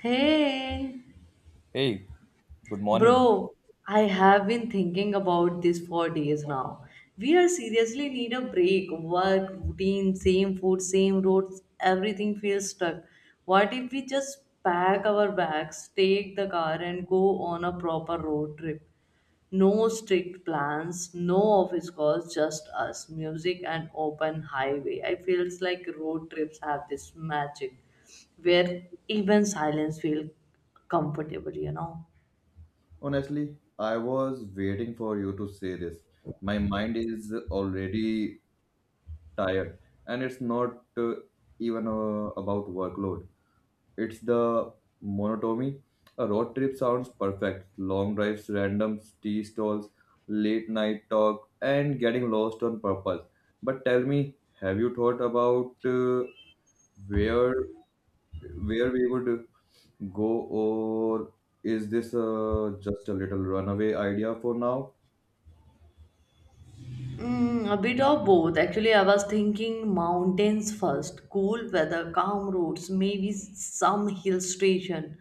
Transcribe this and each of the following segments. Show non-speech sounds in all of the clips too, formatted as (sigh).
Hey, Hey, good morning. bro, I have been thinking about this for days now. We are seriously need a break. Work, routine, same food, same roads, everything feels stuck. What if we just pack our bags, take the car, and go on a proper road trip? No strict plans, no office calls, just us, music and open highway. I feels like road trips have this magic where even silence feels comfortable. Honestly, I was waiting for you to say this. My mind is already tired, and it's not even about workload. It's the monotony. A road trip sounds perfect. Long drives, random tea stalls, late night talk, and getting lost on purpose. But tell me, have you thought about where where we would go, or is this just a little runaway idea for now? Mm, a bit of both. Actually, I was thinking mountains first. Cool weather, calm roads, maybe some hill station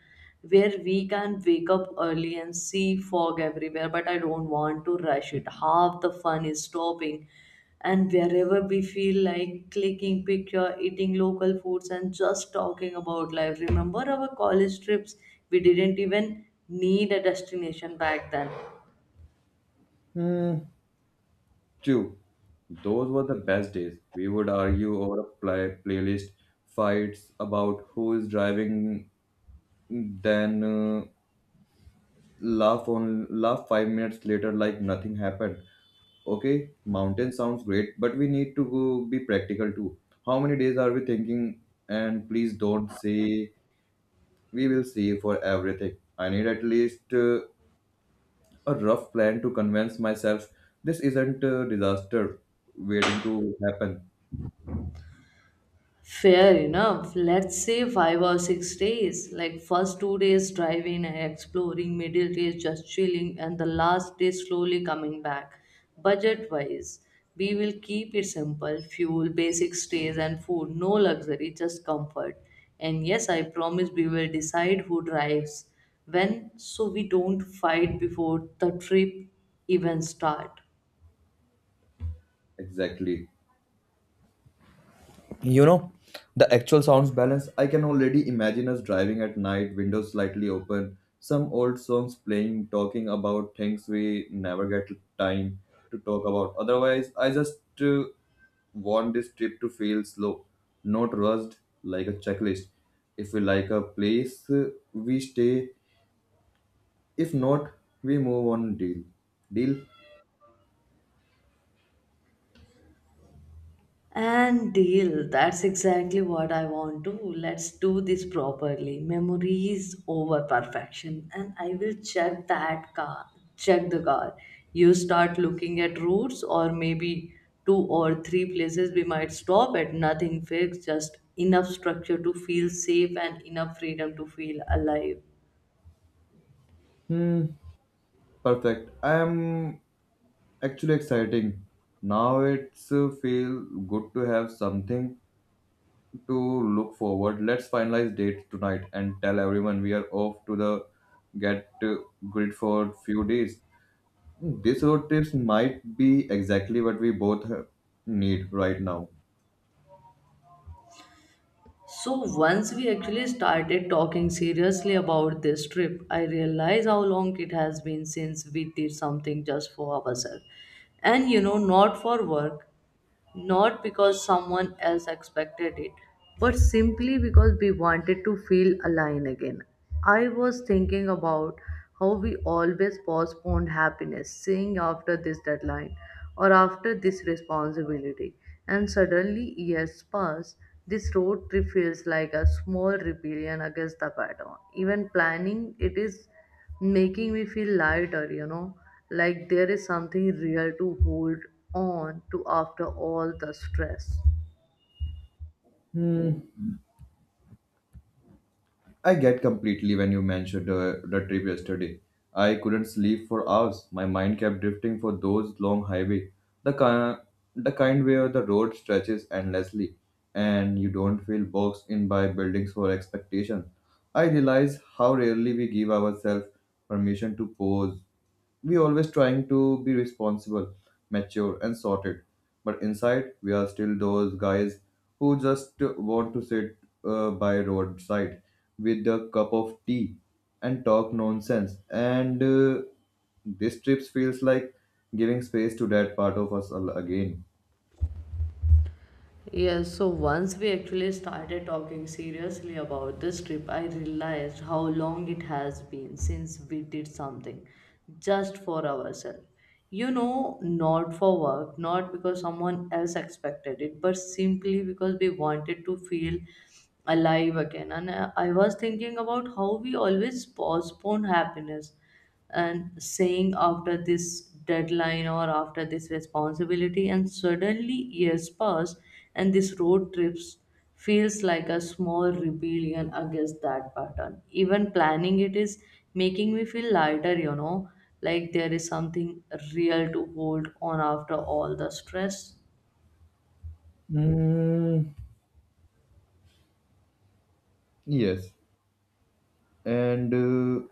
where we can wake up early and see fog everywhere. But I don't want to rush it. Half the fun is stopping. And wherever we feel like clicking picture, eating local foods, and just talking about life. Remember our college trips? We didn't even need a destination back then. Hmm, two. Those were the best days. We would argue over a playlist, fights about who is driving, then laugh on laugh 5 minutes later like nothing happened. Okay, mountain sounds great, but we need to go be practical too. How many days are we thinking? And please don't say we will see for everything. I need at least a rough plan to convince myself this isn't a disaster waiting to happen. Fair enough. Let's say 5 or 6 days. Like first 2 days driving and exploring, middle days just chilling, and the last day slowly coming back. Budget wise, we will keep it simple fuel, basic stays, and food. No luxury, just comfort. And yes, I promise we will decide who drives when so we don't fight before the trip even start. Exactly. You know, the actual sounds balance, I can already imagine us driving at night, windows slightly open, some old songs playing, talking about things we never get time to talk about. Otherwise, I just want this trip to feel slow, not rushed like a checklist. If we like a place, we stay. If not, we move on. Deal. Deal. And deal. That's exactly what I want to. Let's do this properly. Memories over perfection. And I will check that car. Check the car. You start looking at routes or maybe two or three places we might stop at. Nothing fixed, just enough structure to feel safe and enough freedom to feel alive. Hmm, perfect. I am actually exciting. Now it's feel good to have something to look forward. Let's finalize date tonight and tell everyone we are off to the get grid for few days. These road trips might be exactly what we both need right now. So once we actually started talking seriously about this trip, I realized how long it has been since we did something just for ourselves. And not for work not because someone else expected it, but simply because we wanted to feel aligned again. I was thinking about how we always postponed happiness, saying after this deadline or after this responsibility, and suddenly years pass. This road trip feels like a small rebellion against the pattern. Even planning it is making me feel lighter, like there is something real to hold on to after all the stress. Hmm, I get completely when you mentioned the trip yesterday. I couldn't sleep for hours. My mind kept drifting for those long highway, the kind, the kind where the road stretches endlessly, and you don't feel boxed in by buildings or expectation. I realize how rarely we give ourselves permission to pause, we always trying to be responsible, mature, and sorted. But inside, we are still those guys who just want to sit by roadside with a cup of tea and talk nonsense. And this trip feels like giving space to that part of us again. Yes, so once we actually started talking seriously about this trip, I realized how long it has been since we did something just for ourselves. Not for work, not because someone else expected it, but simply because we wanted to feel alive again. And I was thinking about how we always postpone happiness and saying after this deadline or after this responsibility and suddenly years pass, and this road trips feels like a small rebellion against that pattern. Even planning it is making me feel lighter, like there is something real to hold on after all the stress. Mm, yes. And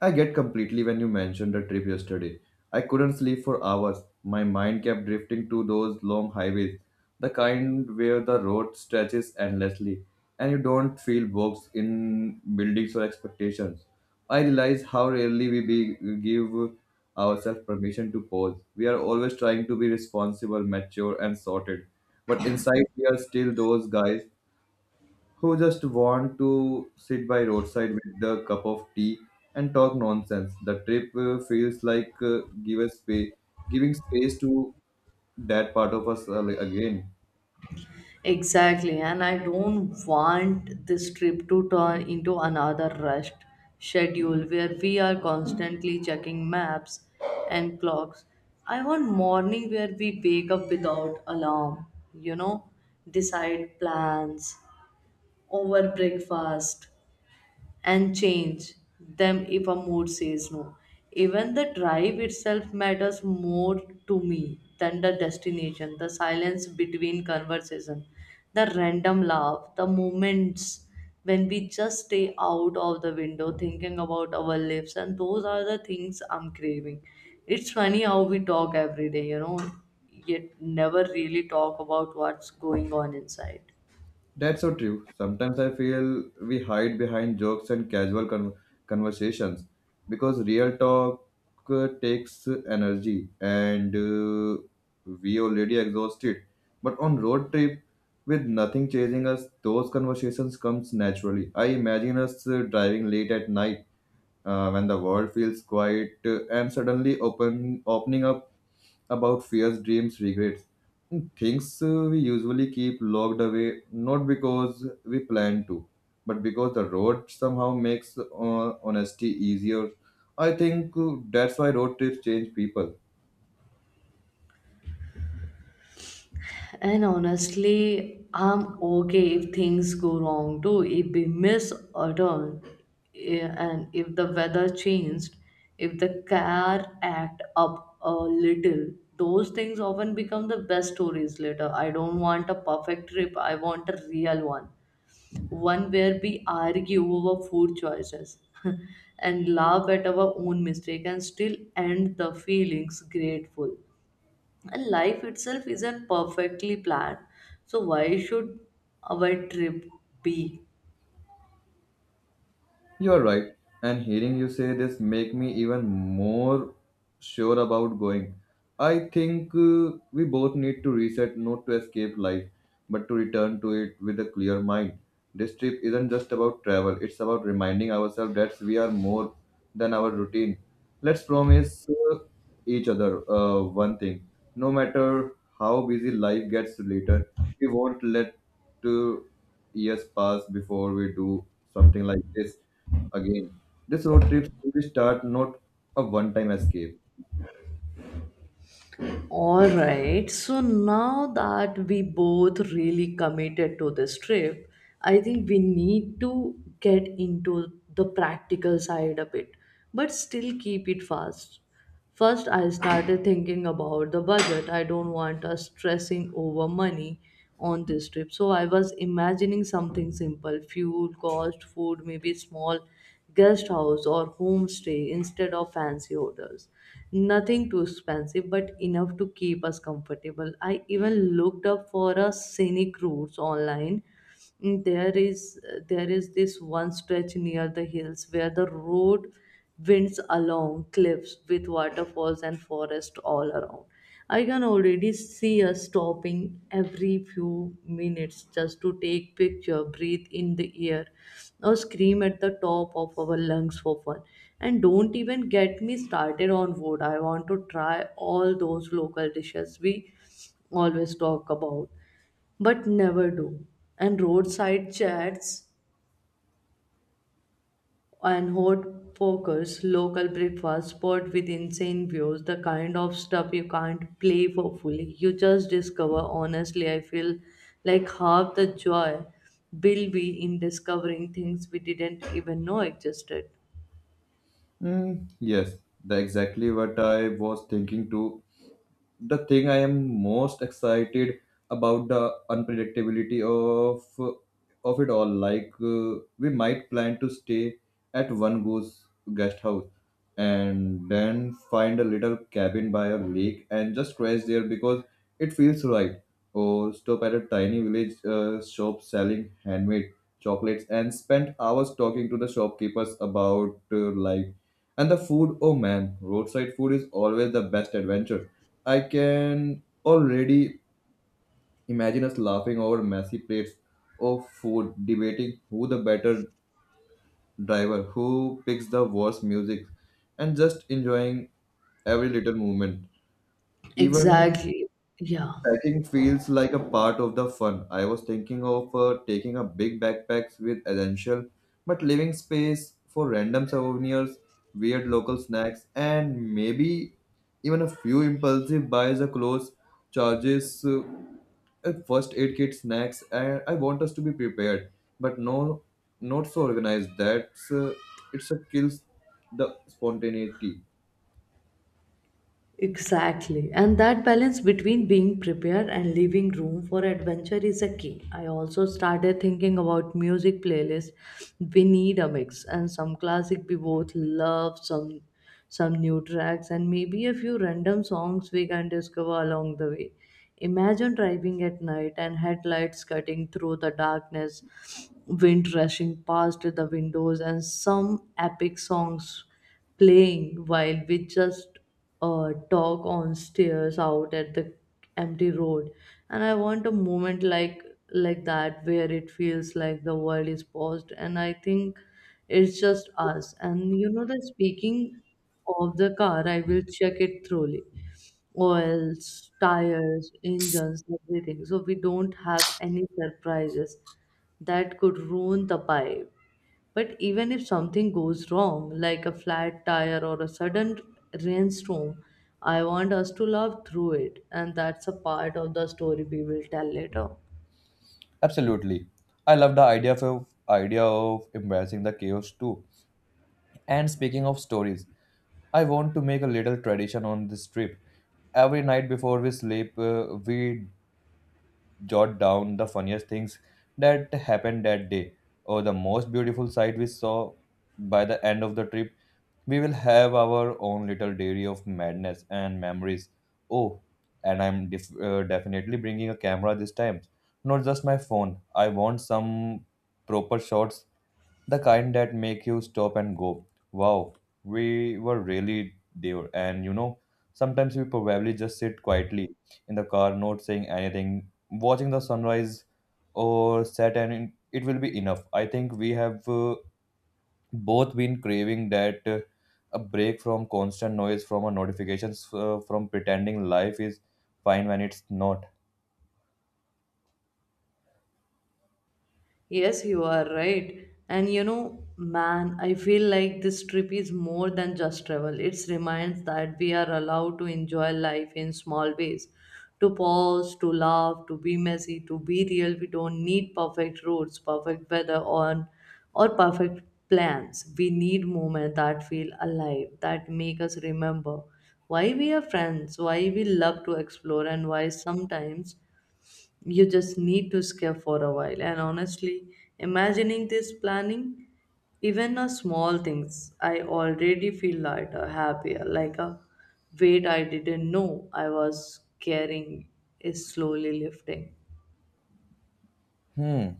I get completely when you mentioned the trip yesterday. I couldn't sleep for hours. My mind kept drifting to those long highways, the kind where the road stretches endlessly and you don't feel bogs in buildings or expectations. I realize how rarely we be, give ourselves permission to pause. We are always trying to be responsible, mature, and sorted. But inside, we are still those guys who just want to sit by roadside with the cup of tea and talk nonsense. The trip feels like giving space to that part of us again. Exactly, and I don't want this trip to turn into another rushed schedule where we are constantly checking maps and clocks. I want morning where we wake up without alarm, you know, decide plans over breakfast and change them if a mood says no. Even the drive itself matters more to me than the destination, the silence between conversation, the random laugh, the moments when we just stay out of the window thinking about our lives, and those are the things I'm craving. It's funny how we talk every day, yet never really talk about what's going on inside. That's so true. Sometimes I feel we hide behind jokes and casual conversations because real talk takes energy and we already exhausted. But on road trip with nothing chasing us, those conversations comes naturally. I imagine us driving late at night when the world feels quiet and suddenly opening up about fears, dreams, regrets, things we usually keep locked away not because we plan to, but because the road somehow makes honesty easier. I think that's why road trips change people. And honestly, I'm okay if things go wrong too. If we miss a turn, and if the weather changed, if the car act up a little, those things often become the best stories later. I don't want a perfect trip. I want a real one, one where we argue over food choices (laughs) and laugh at our own mistake and still end the feelings grateful. And life itself isn't perfectly planned, so why should our trip be? You're right. And hearing you say this make me even more sure about going. I think we both need to reset not to escape life, but to return to it with a clear mind. This trip isn't just about travel, it's about reminding ourselves that we are more than our routine. Let's promise uh, each other one thing. No matter how busy life gets later, we won't let 2 years pass before we do something like this again, this road trip will start not a one-time escape. All right. So now that we both really committed to this trip, I think we need to get into the practical side a bit, but still keep it fast. First, I started thinking about the budget. I don't want us stressing over money on this trip. So I was imagining something simple fuel, cost, food, maybe small guest house or homestay instead of fancy hotels. Nothing too expensive, but enough to keep us comfortable. I even looked up for a scenic routes online. Mm, There is there is this one stretch near the hills where the road winds along cliffs with waterfalls and forest all around. I can already see us stopping every few minutes just to take picture, breathe in the air, or scream at the top of our lungs for fun. And don't even get me started on food. I want to try all those local dishes we always talk about, but never do. And roadside chats and hot focus. Local breakfast spot with insane views, the kind of stuff you can't play for fully. You just discover. Honestly, I feel like half the joy will be in discovering things we didn't even know existed. Hmm, yes, that's exactly what I was thinking too. The thing I am most excited about the unpredictability of it all. Like we might plan to stay at one goose guest house and then find a little cabin by a lake and just crash there because it feels right. Or stop at a tiny village shop selling handmade chocolates and spend hours talking to the shopkeepers about life and the food. Oh man, roadside food is always the best adventure. I can already imagine us laughing over messy plates of food, debating who the better driver, who picks the worst music, and just enjoying every little moment. Even Exactly. Yeah. packing feels like a part of the fun. I was thinking of taking a big backpacks with essential, but leaving space for random souvenirs, weird local snacks, and maybe even a few impulsive buys of clothes charges a first aid kit, snacks, and I want us to be prepared, but no, not so organized. That's it's a kills the spontaneity. Exactly. And that balance between being prepared and leaving room for adventure is a key. I also started thinking about music playlists. We need a mix and some classic we both love, some new tracks and maybe a few random songs we can discover along the way. Imagine driving at night and headlights cutting through the darkness, wind rushing past the windows and some epic songs playing while we just dog on stairs out at the empty road. And I want a moment like that, where it feels like the world is paused, and I think it's just us. And, that speaking of the car, I will check it thoroughly, oils tires engines everything, so we don't have any surprises that could ruin the vibe. But even if something goes wrong, like a flat tire or a sudden rainstorm, I want us to laugh through it, and that's a part of the story we will tell later. Absolutely. I love the idea of embracing the chaos too. And speaking of stories, I want to make a little tradition on this trip. Every night before we sleep, we jot down the funniest things that happened that day or the most beautiful sight we saw by the end of the trip. We will have our own little dairy of madness and memories. Oh, and I'm definitely bringing a camera this time. Not just my phone. I want some proper shots, the kind that make you stop and go, wow, we were really there. And you know, sometimes we probably just sit quietly in the car, not saying anything, watching the sunrise or set, and it will be enough. I think we have both been craving that, a break from constant noise, from our notifications, from pretending life is fine when it's not. Yes, you are right. And man, I feel like this trip is more than just travel. It reminds that we are allowed to enjoy life in small ways. To pause, to laugh, to be messy, to be real. We don't need perfect roads, perfect weather, or perfect plans. We need moments that feel alive, that make us remember why we are friends, why we love to explore, and why sometimes you just need to escape for a while. And honestly, imagining this planning, even a small things, I already feel lighter, happier, like a weight I didn't know I was carrying is slowly lifting. Hmm,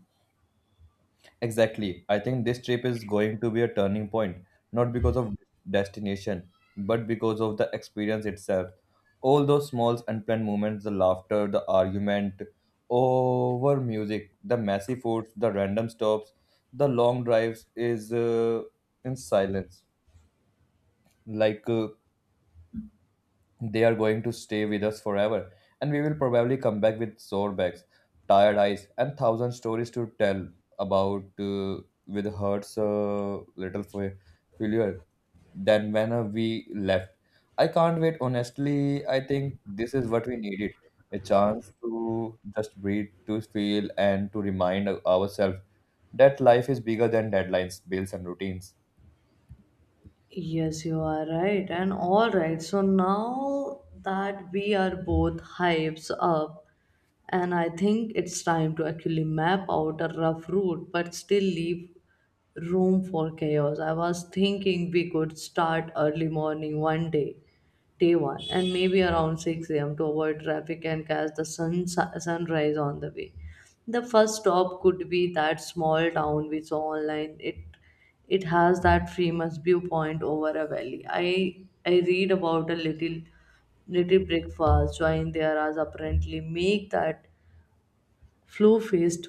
exactly, I think this trip is going to be a turning point, not because of destination, but because of the experience itself. All those small unplanned moments, the laughter, the argument over music, the messy foods, the random stops, the long drives is in silence, like uh, they are going to stay with us forever, and we will probably come back with sore backs, tired eyes, and thousand stories to tell about with hurts little failure than when we left. I can't wait. Honestly, I think this is what we needed, a chance to just breathe, to feel, and to remind ourselves that life is bigger than deadlines, bills, and routines. Yes, you are right. And all right, so now that we are both hypes up, and I think it's time to actually map out a rough route but still leave room for chaos. I was thinking we could start early morning one day, day one, and maybe around 6 a.m. to avoid traffic and catch the sunrise on the way. The first stop could be that small town we saw online. It has that famous viewpoint over a valley. I read about a little breakfast join there as apparently make that flow faced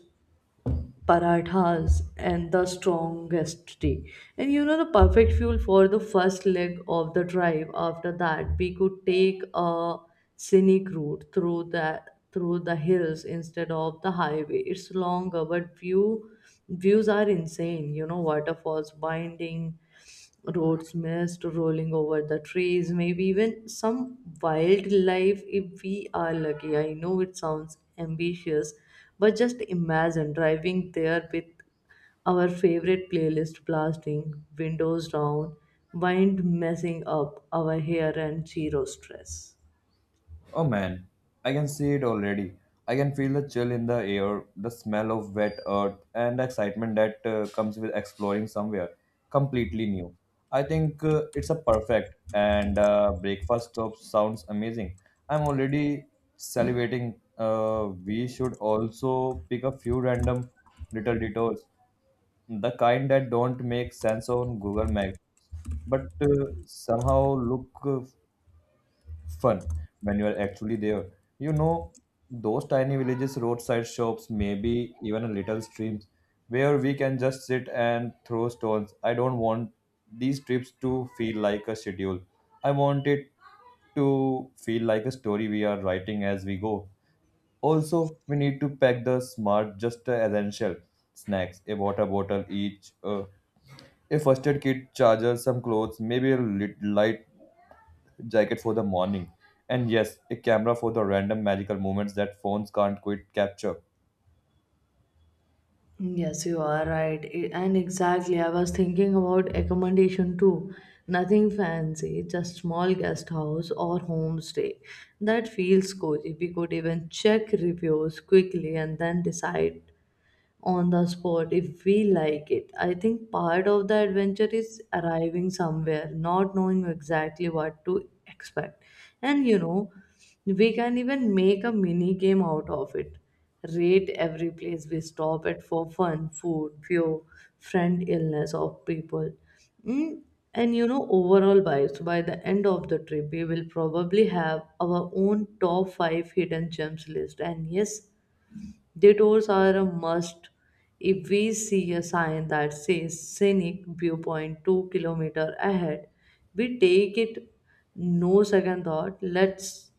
parathas and the strongest tea. And the perfect fuel for the first leg of the drive. After that, we could take a scenic route through the hills instead of the highway. It's longer, but views are insane. Waterfalls, winding roads mist rolling over the trees, maybe even some wildlife if we are lucky. I know it sounds ambitious, but just imagine driving there with our favorite playlist blasting, windows down, wind messing up our hair and zero stress. Oh man, I can see it already. I can feel the chill in the air, the smell of wet earth, and the excitement that comes with exploring somewhere completely new. I think it's a perfect and breakfast stop sounds amazing. I'm already salivating. We should also pick a few random little detours, the kind that don't make sense on Google Maps, but somehow look fun when you are actually there. You know, those tiny villages, roadside shops, maybe even a little streams where we can just sit and throw stones. I don't want these trips to feel like a schedule. I want it to feel like a story we are writing as we go. Also, we need to pack the smart, just the essential snacks, a water bottle each, a first aid kit, charger, some clothes, maybe a light jacket for the morning, and yes, a camera for the random magical moments that phones can't quite capture. Yes, you are right. And exactly, I was thinking about accommodation too. Nothing fancy, just small guest house or homestay. That feels cozy. We could even check reviews quickly and then decide on the spot if we like it. I think part of the adventure is arriving somewhere, not knowing exactly what to expect. And you know, we can even make a mini game out of it. Rate every place we stop at for fun, food, fuel, friend, illness of people. Mm, And overall vibes. By the end of the trip, we will probably have our own top five hidden gems list. And yes, detours are a must if we see a sign that says scenic viewpoint 2 km ahead. We take it no second thought. Let's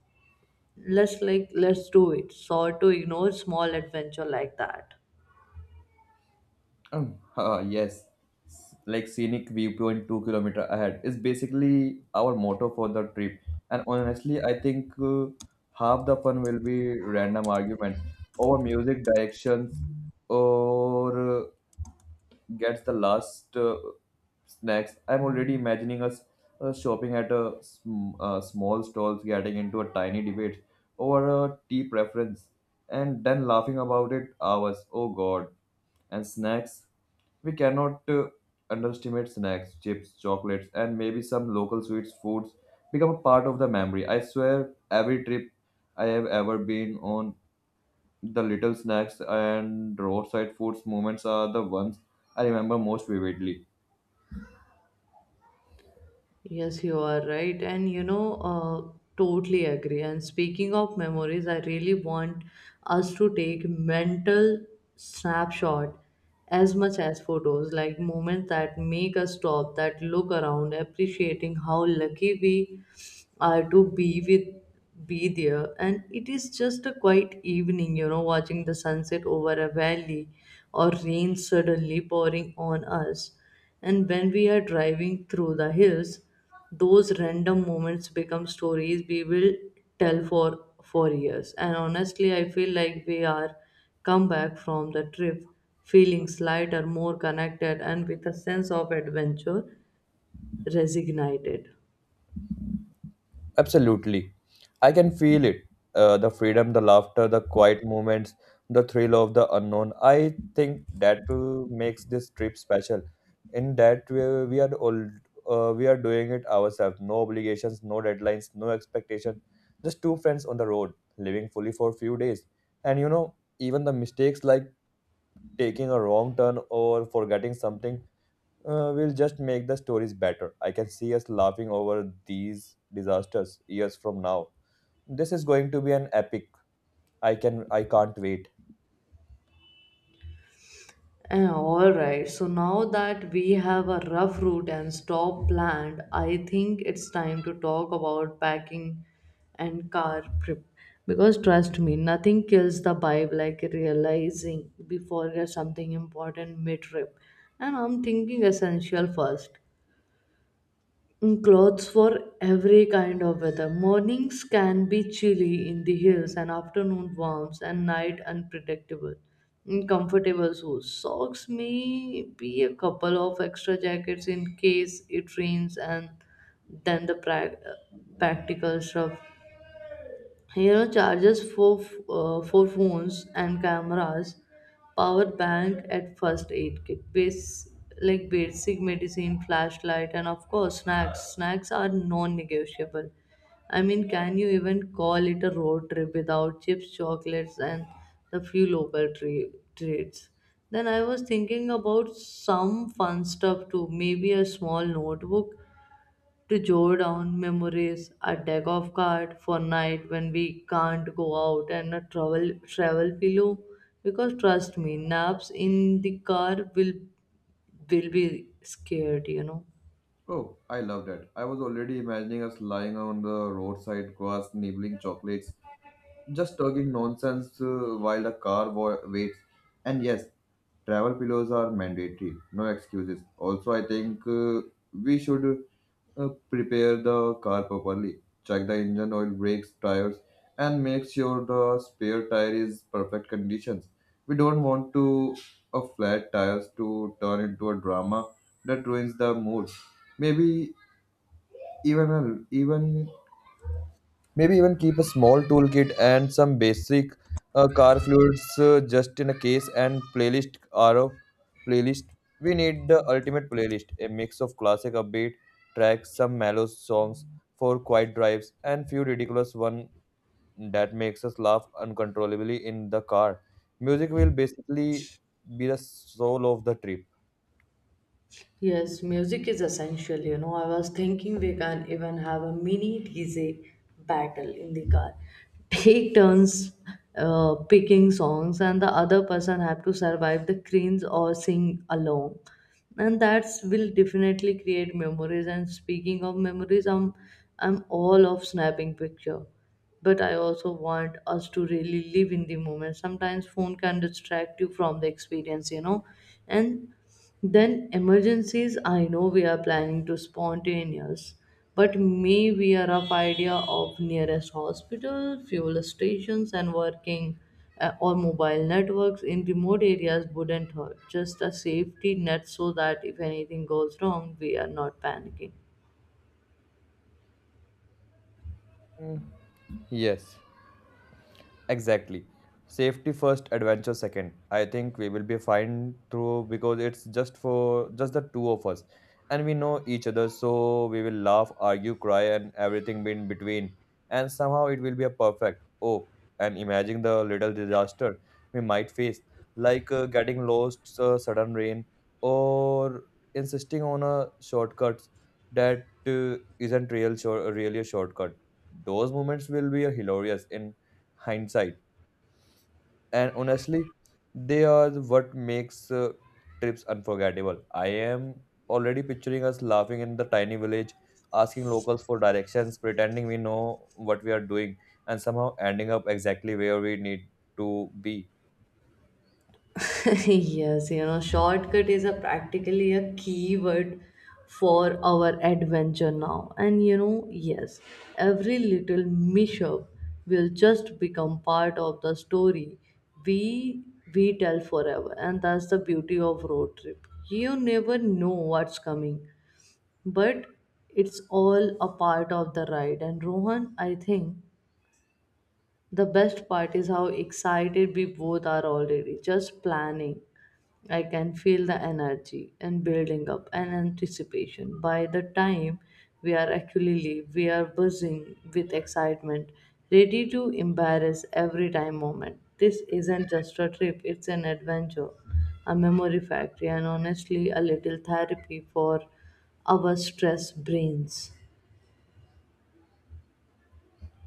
let's like let's do it. Sort to ignore small adventure like that. (laughs) Ah, yes, like scenic viewpoint 2 kilometer ahead is basically our motto for the trip. And honestly, I think half the fun will be random arguments over music directions or gets the last snacks. I'm already imagining us shopping at a small stalls, getting into a tiny debate over a tea preference, and then laughing about it hours. Oh God! And snacks, we cannot underestimate snacks, chips, chocolates, and maybe some local sweets, foods become a part of the memory. I swear, every trip I have ever been on, the little snacks and roadside foods moments are the ones I remember most vividly. Yes, you are right. And totally agree. And speaking of memories, I really want us to take mental snapshot as much as photos, like moments that make us stop, that look around, appreciating how lucky we are to be with be there and it is just a quiet evening, watching the sunset over a valley or rain suddenly pouring on us and when we are driving through the hills, those random moments become stories we will tell for years. And honestly, I feel like we are come back from the trip feeling lighter, more connected, and with a sense of adventure resignated. Absolutely. I can feel it. The freedom, the laughter, the quiet moments, the thrill of the unknown. I think that too makes this trip special. In that we are all we are doing it ourselves. No obligations, no deadlines, no expectation. Just two friends on the road, living fully for a few days. And you know, even the mistakes like taking a wrong turn or forgetting something will just make the stories better. I can see us laughing over these disasters years from now. This is going to be an epic. I can't wait. All right. So now that we have a rough route and stop planned, I think it's time to talk about packing and car prep. Because trust me, nothing kills the vibe like realizing we forget something important mid trip. And I'm thinking essential first. Clothes for every kind of weather. Mornings can be chilly in the hills, and afternoon warms, and night unpredictable. Comfortable shoes. Socks may be a couple of extra jackets in case it rains, and then the practical stuff. You know, charges for phones and cameras, power bank at first aid kit, base like basic medicine, flashlight, and of course snacks. Snacks are non-negotiable. I mean, can you even call it a road trip without chips, chocolates, and the few local treats? Then I was thinking about some fun stuff too, maybe a small notebook to jot down memories, a deck of cards for night when we can't go out, and a travel pillow. Because trust me, naps in the car will be scared. You know. Oh, I love that. I was already imagining us lying on the roadside grass, nibbling chocolates, just talking nonsense while the car waits. And yes, travel pillows are mandatory. No excuses. Also, I think we should prepare the car properly. Check the engine oil, brakes, tires, and make sure the spare tire is perfect conditions. We don't want to a flat tires to turn into a drama that ruins the mood. Maybe even a, even Maybe even keep a small toolkit and some basic car fluids just in a case and playlist are a playlist. We need the ultimate playlist, a mix of classic upbeat tracks, some mellow songs for quiet drives, and few ridiculous one that makes us laugh uncontrollably in the car. Music will basically be the soul of the trip. Yes, music is essential. You know, I was thinking we can even have a mini DJ battle in the car. (laughs) Take turns picking songs, and the other person have to survive the cringe or sing along. And that's will definitely create memories. And speaking of memories, I'm all of snapping picture, but I also want us to really live in the moment. Sometimes phone can distract you from the experience, you know, and then emergencies, I know we are planning to spontaneous, but may we are of idea of nearest hospital, fuel stations, and working or mobile networks in remote areas wouldn't hurt. Just a safety net so that if anything goes wrong, we are not panicking. Mm, Yes. Exactly. Safety first, adventure second. I think we will be fine through because it's just for just the two of us. And we know each other, so we will laugh, argue, cry, and everything in between. And somehow it will be a perfect. Oh, and imagine the little disaster we might face, like getting lost, sudden rain, or insisting on a shortcut that isn't real, shor- really a shortcut. Those moments will be hilarious in hindsight, and honestly they are what makes trips unforgettable. I am already picturing us laughing in the tiny village, asking locals for directions, pretending we know what we are doing and somehow ending up exactly where we need to be. (laughs) Yes, you know, shortcut is a practically a keyword for our adventure now. And you know, yes, every little mishap will just become part of the story we we tell forever. And that's the beauty of road trip. You never know what's coming, but it's all a part of the ride. And Rohan, I think the best part is how excited we both are already. Just planning. I can feel the energy and building up and anticipation. By the time we are actually leave, we are buzzing with excitement, ready to embarrass every time moment. This isn't just a trip, it's an adventure, a memory factory, and honestly, a little therapy for our stressed brains.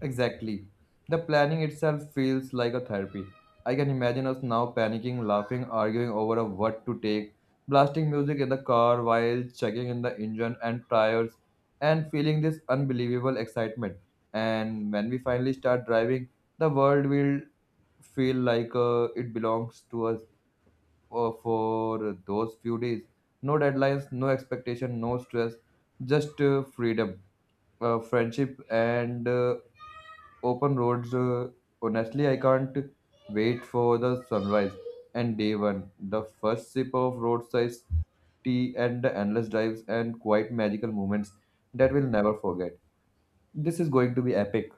Exactly. The planning itself feels like a therapy. I can imagine us now panicking, laughing, arguing over a what to take, blasting music in the car while checking in the engine and tires, and feeling this unbelievable excitement. And when we finally start driving, the world will feel like it belongs to us for those few days. No deadlines, no expectation, no stress, just freedom, friendship, and open roads. Honestly, I can't wait for the sunrise and day one, the first sip of roadside tea and the endless drives and quite magical moments that we'll never forget. This is going to be epic.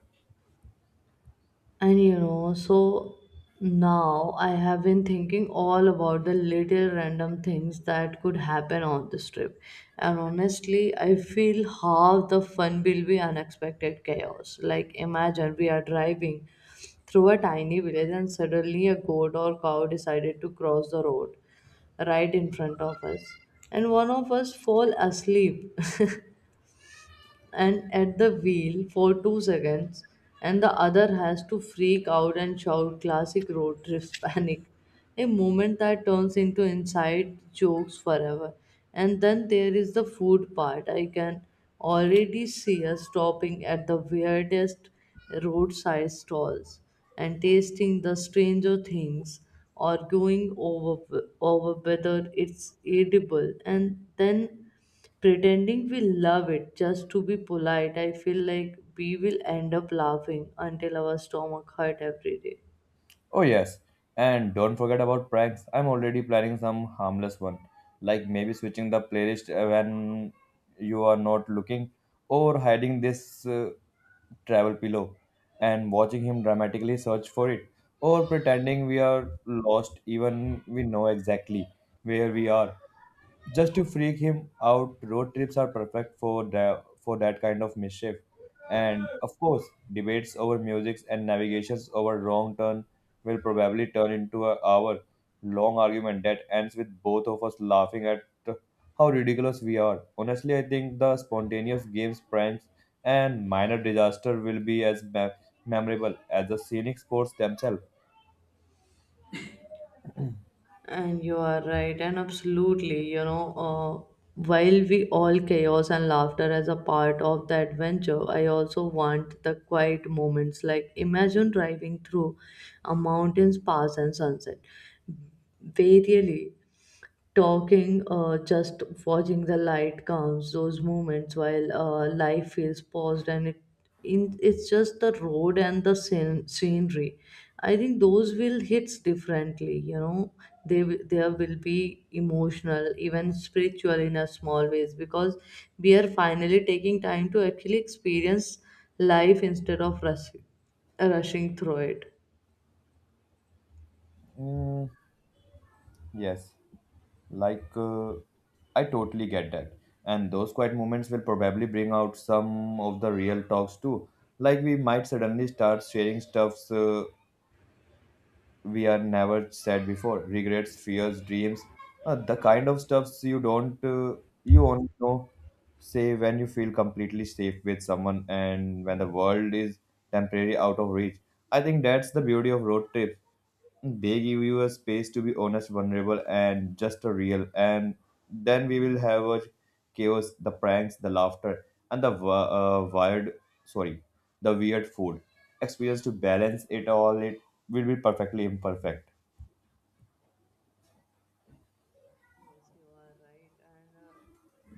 And you know, so now I have been thinking all about the little random things that could happen on this trip. And honestly, I feel half the fun will be unexpected chaos. Like, imagine we are driving through a tiny village and suddenly a goat or cow decided to cross the road right in front of us and one of us fall asleep (laughs) and at the wheel for 2 seconds, and the other has to freak out and shout classic road trips (laughs) panic. A moment that turns into inside jokes forever. And then there is the food part. I can already see us stopping at the weirdest roadside stalls and tasting the stranger things or going over whether it's edible and then pretending we love it just to be polite, I feel like we will end up laughing until our stomach hurt every day. Oh yes, and don't forget about pranks. I'm already planning some harmless one, like maybe switching the playlist when you are not looking, or hiding this travel pillow and watching him dramatically search for it, or pretending we are lost even we know exactly where we are, just to freak him out. Road trips are perfect for that kind of mischief. And of course debates over music and navigations over wrong turn will probably turn into an hour long argument that ends with both of us laughing at how ridiculous we are. Honestly, I think the spontaneous games, pranks, and minor disaster will be as memorable as the scenic sports themselves. And you are right, and absolutely, you know, while we all chaos and laughter as a part of the adventure, I also want the quiet moments. Like, imagine driving through a mountain's pass and sunset. They really talking, just watching the light comes, those moments while life feels paused and it's just the road and the scenery. I think those will hits differently, you know. There will be emotional, even spiritual in a small ways because we are finally taking time to actually experience life instead of rushing through it. mm, yes. Like, I totally get that. And those quiet moments will probably bring out some of the real talks too. Like, we might suddenly start sharing stuffs we are never said before, regrets, fears, dreams, the kind of stuffs you don't, you only know, say, when you feel completely safe with someone and when the world is temporarily out of reach. I think that's the beauty of road trips. They give you a space to be honest, vulnerable, and just a real. And then we will have a chaos, the pranks, the laughter, and the wired, sorry, the weird food experience to balance it all. It will be perfectly imperfect. You are right, and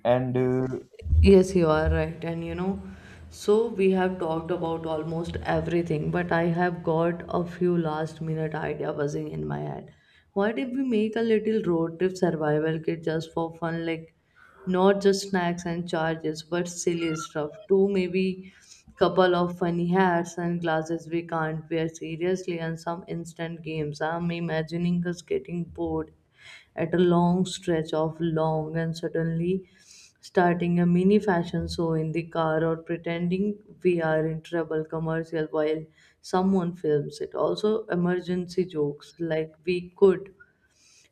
And yes, yes, you are right. And you know, so we have talked about almost everything, but I have got a few last minute idea buzzing in my head. What if we make a little road trip survival kit just for fun, like not just snacks and charges, but silly stuff too, maybe couple of funny hats and glasses we can't wear seriously and some instant games. I'm imagining us getting bored at a long stretch of long and suddenly starting a mini fashion show in the car or pretending we are in trouble commercial while someone films it also emergency jokes like we could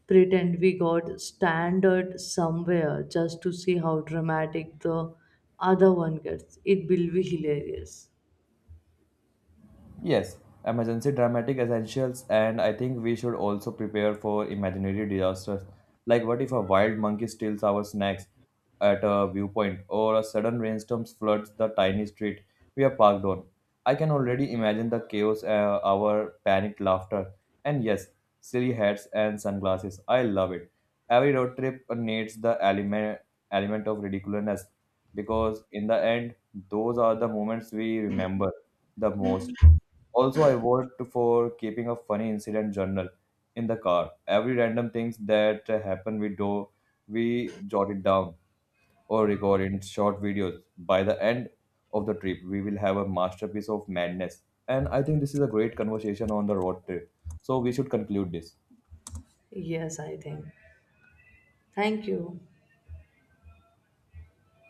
pretend we got standard somewhere just to see how dramatic the other one gets it will be hilarious Yes, emergency dramatic essentials, and I think we should also prepare for imaginary disasters. Like, what if a wild monkey steals our snacks at a viewpoint, or a sudden rainstorm floods the tiny street we are parked on? I can already imagine the chaos, our panicked laughter, and yes, silly hats and sunglasses. I love it. Every road trip needs the element of ridiculousness, because in the end, those are the moments we remember the most. Also, I vote for keeping a funny incident journal in the car. Every random things that happen, we do, we jot it down or record in short videos. By the end of the trip, we will have a masterpiece of madness. And I think this is a great conversation on the road trip. So we should conclude this. yes I think thank you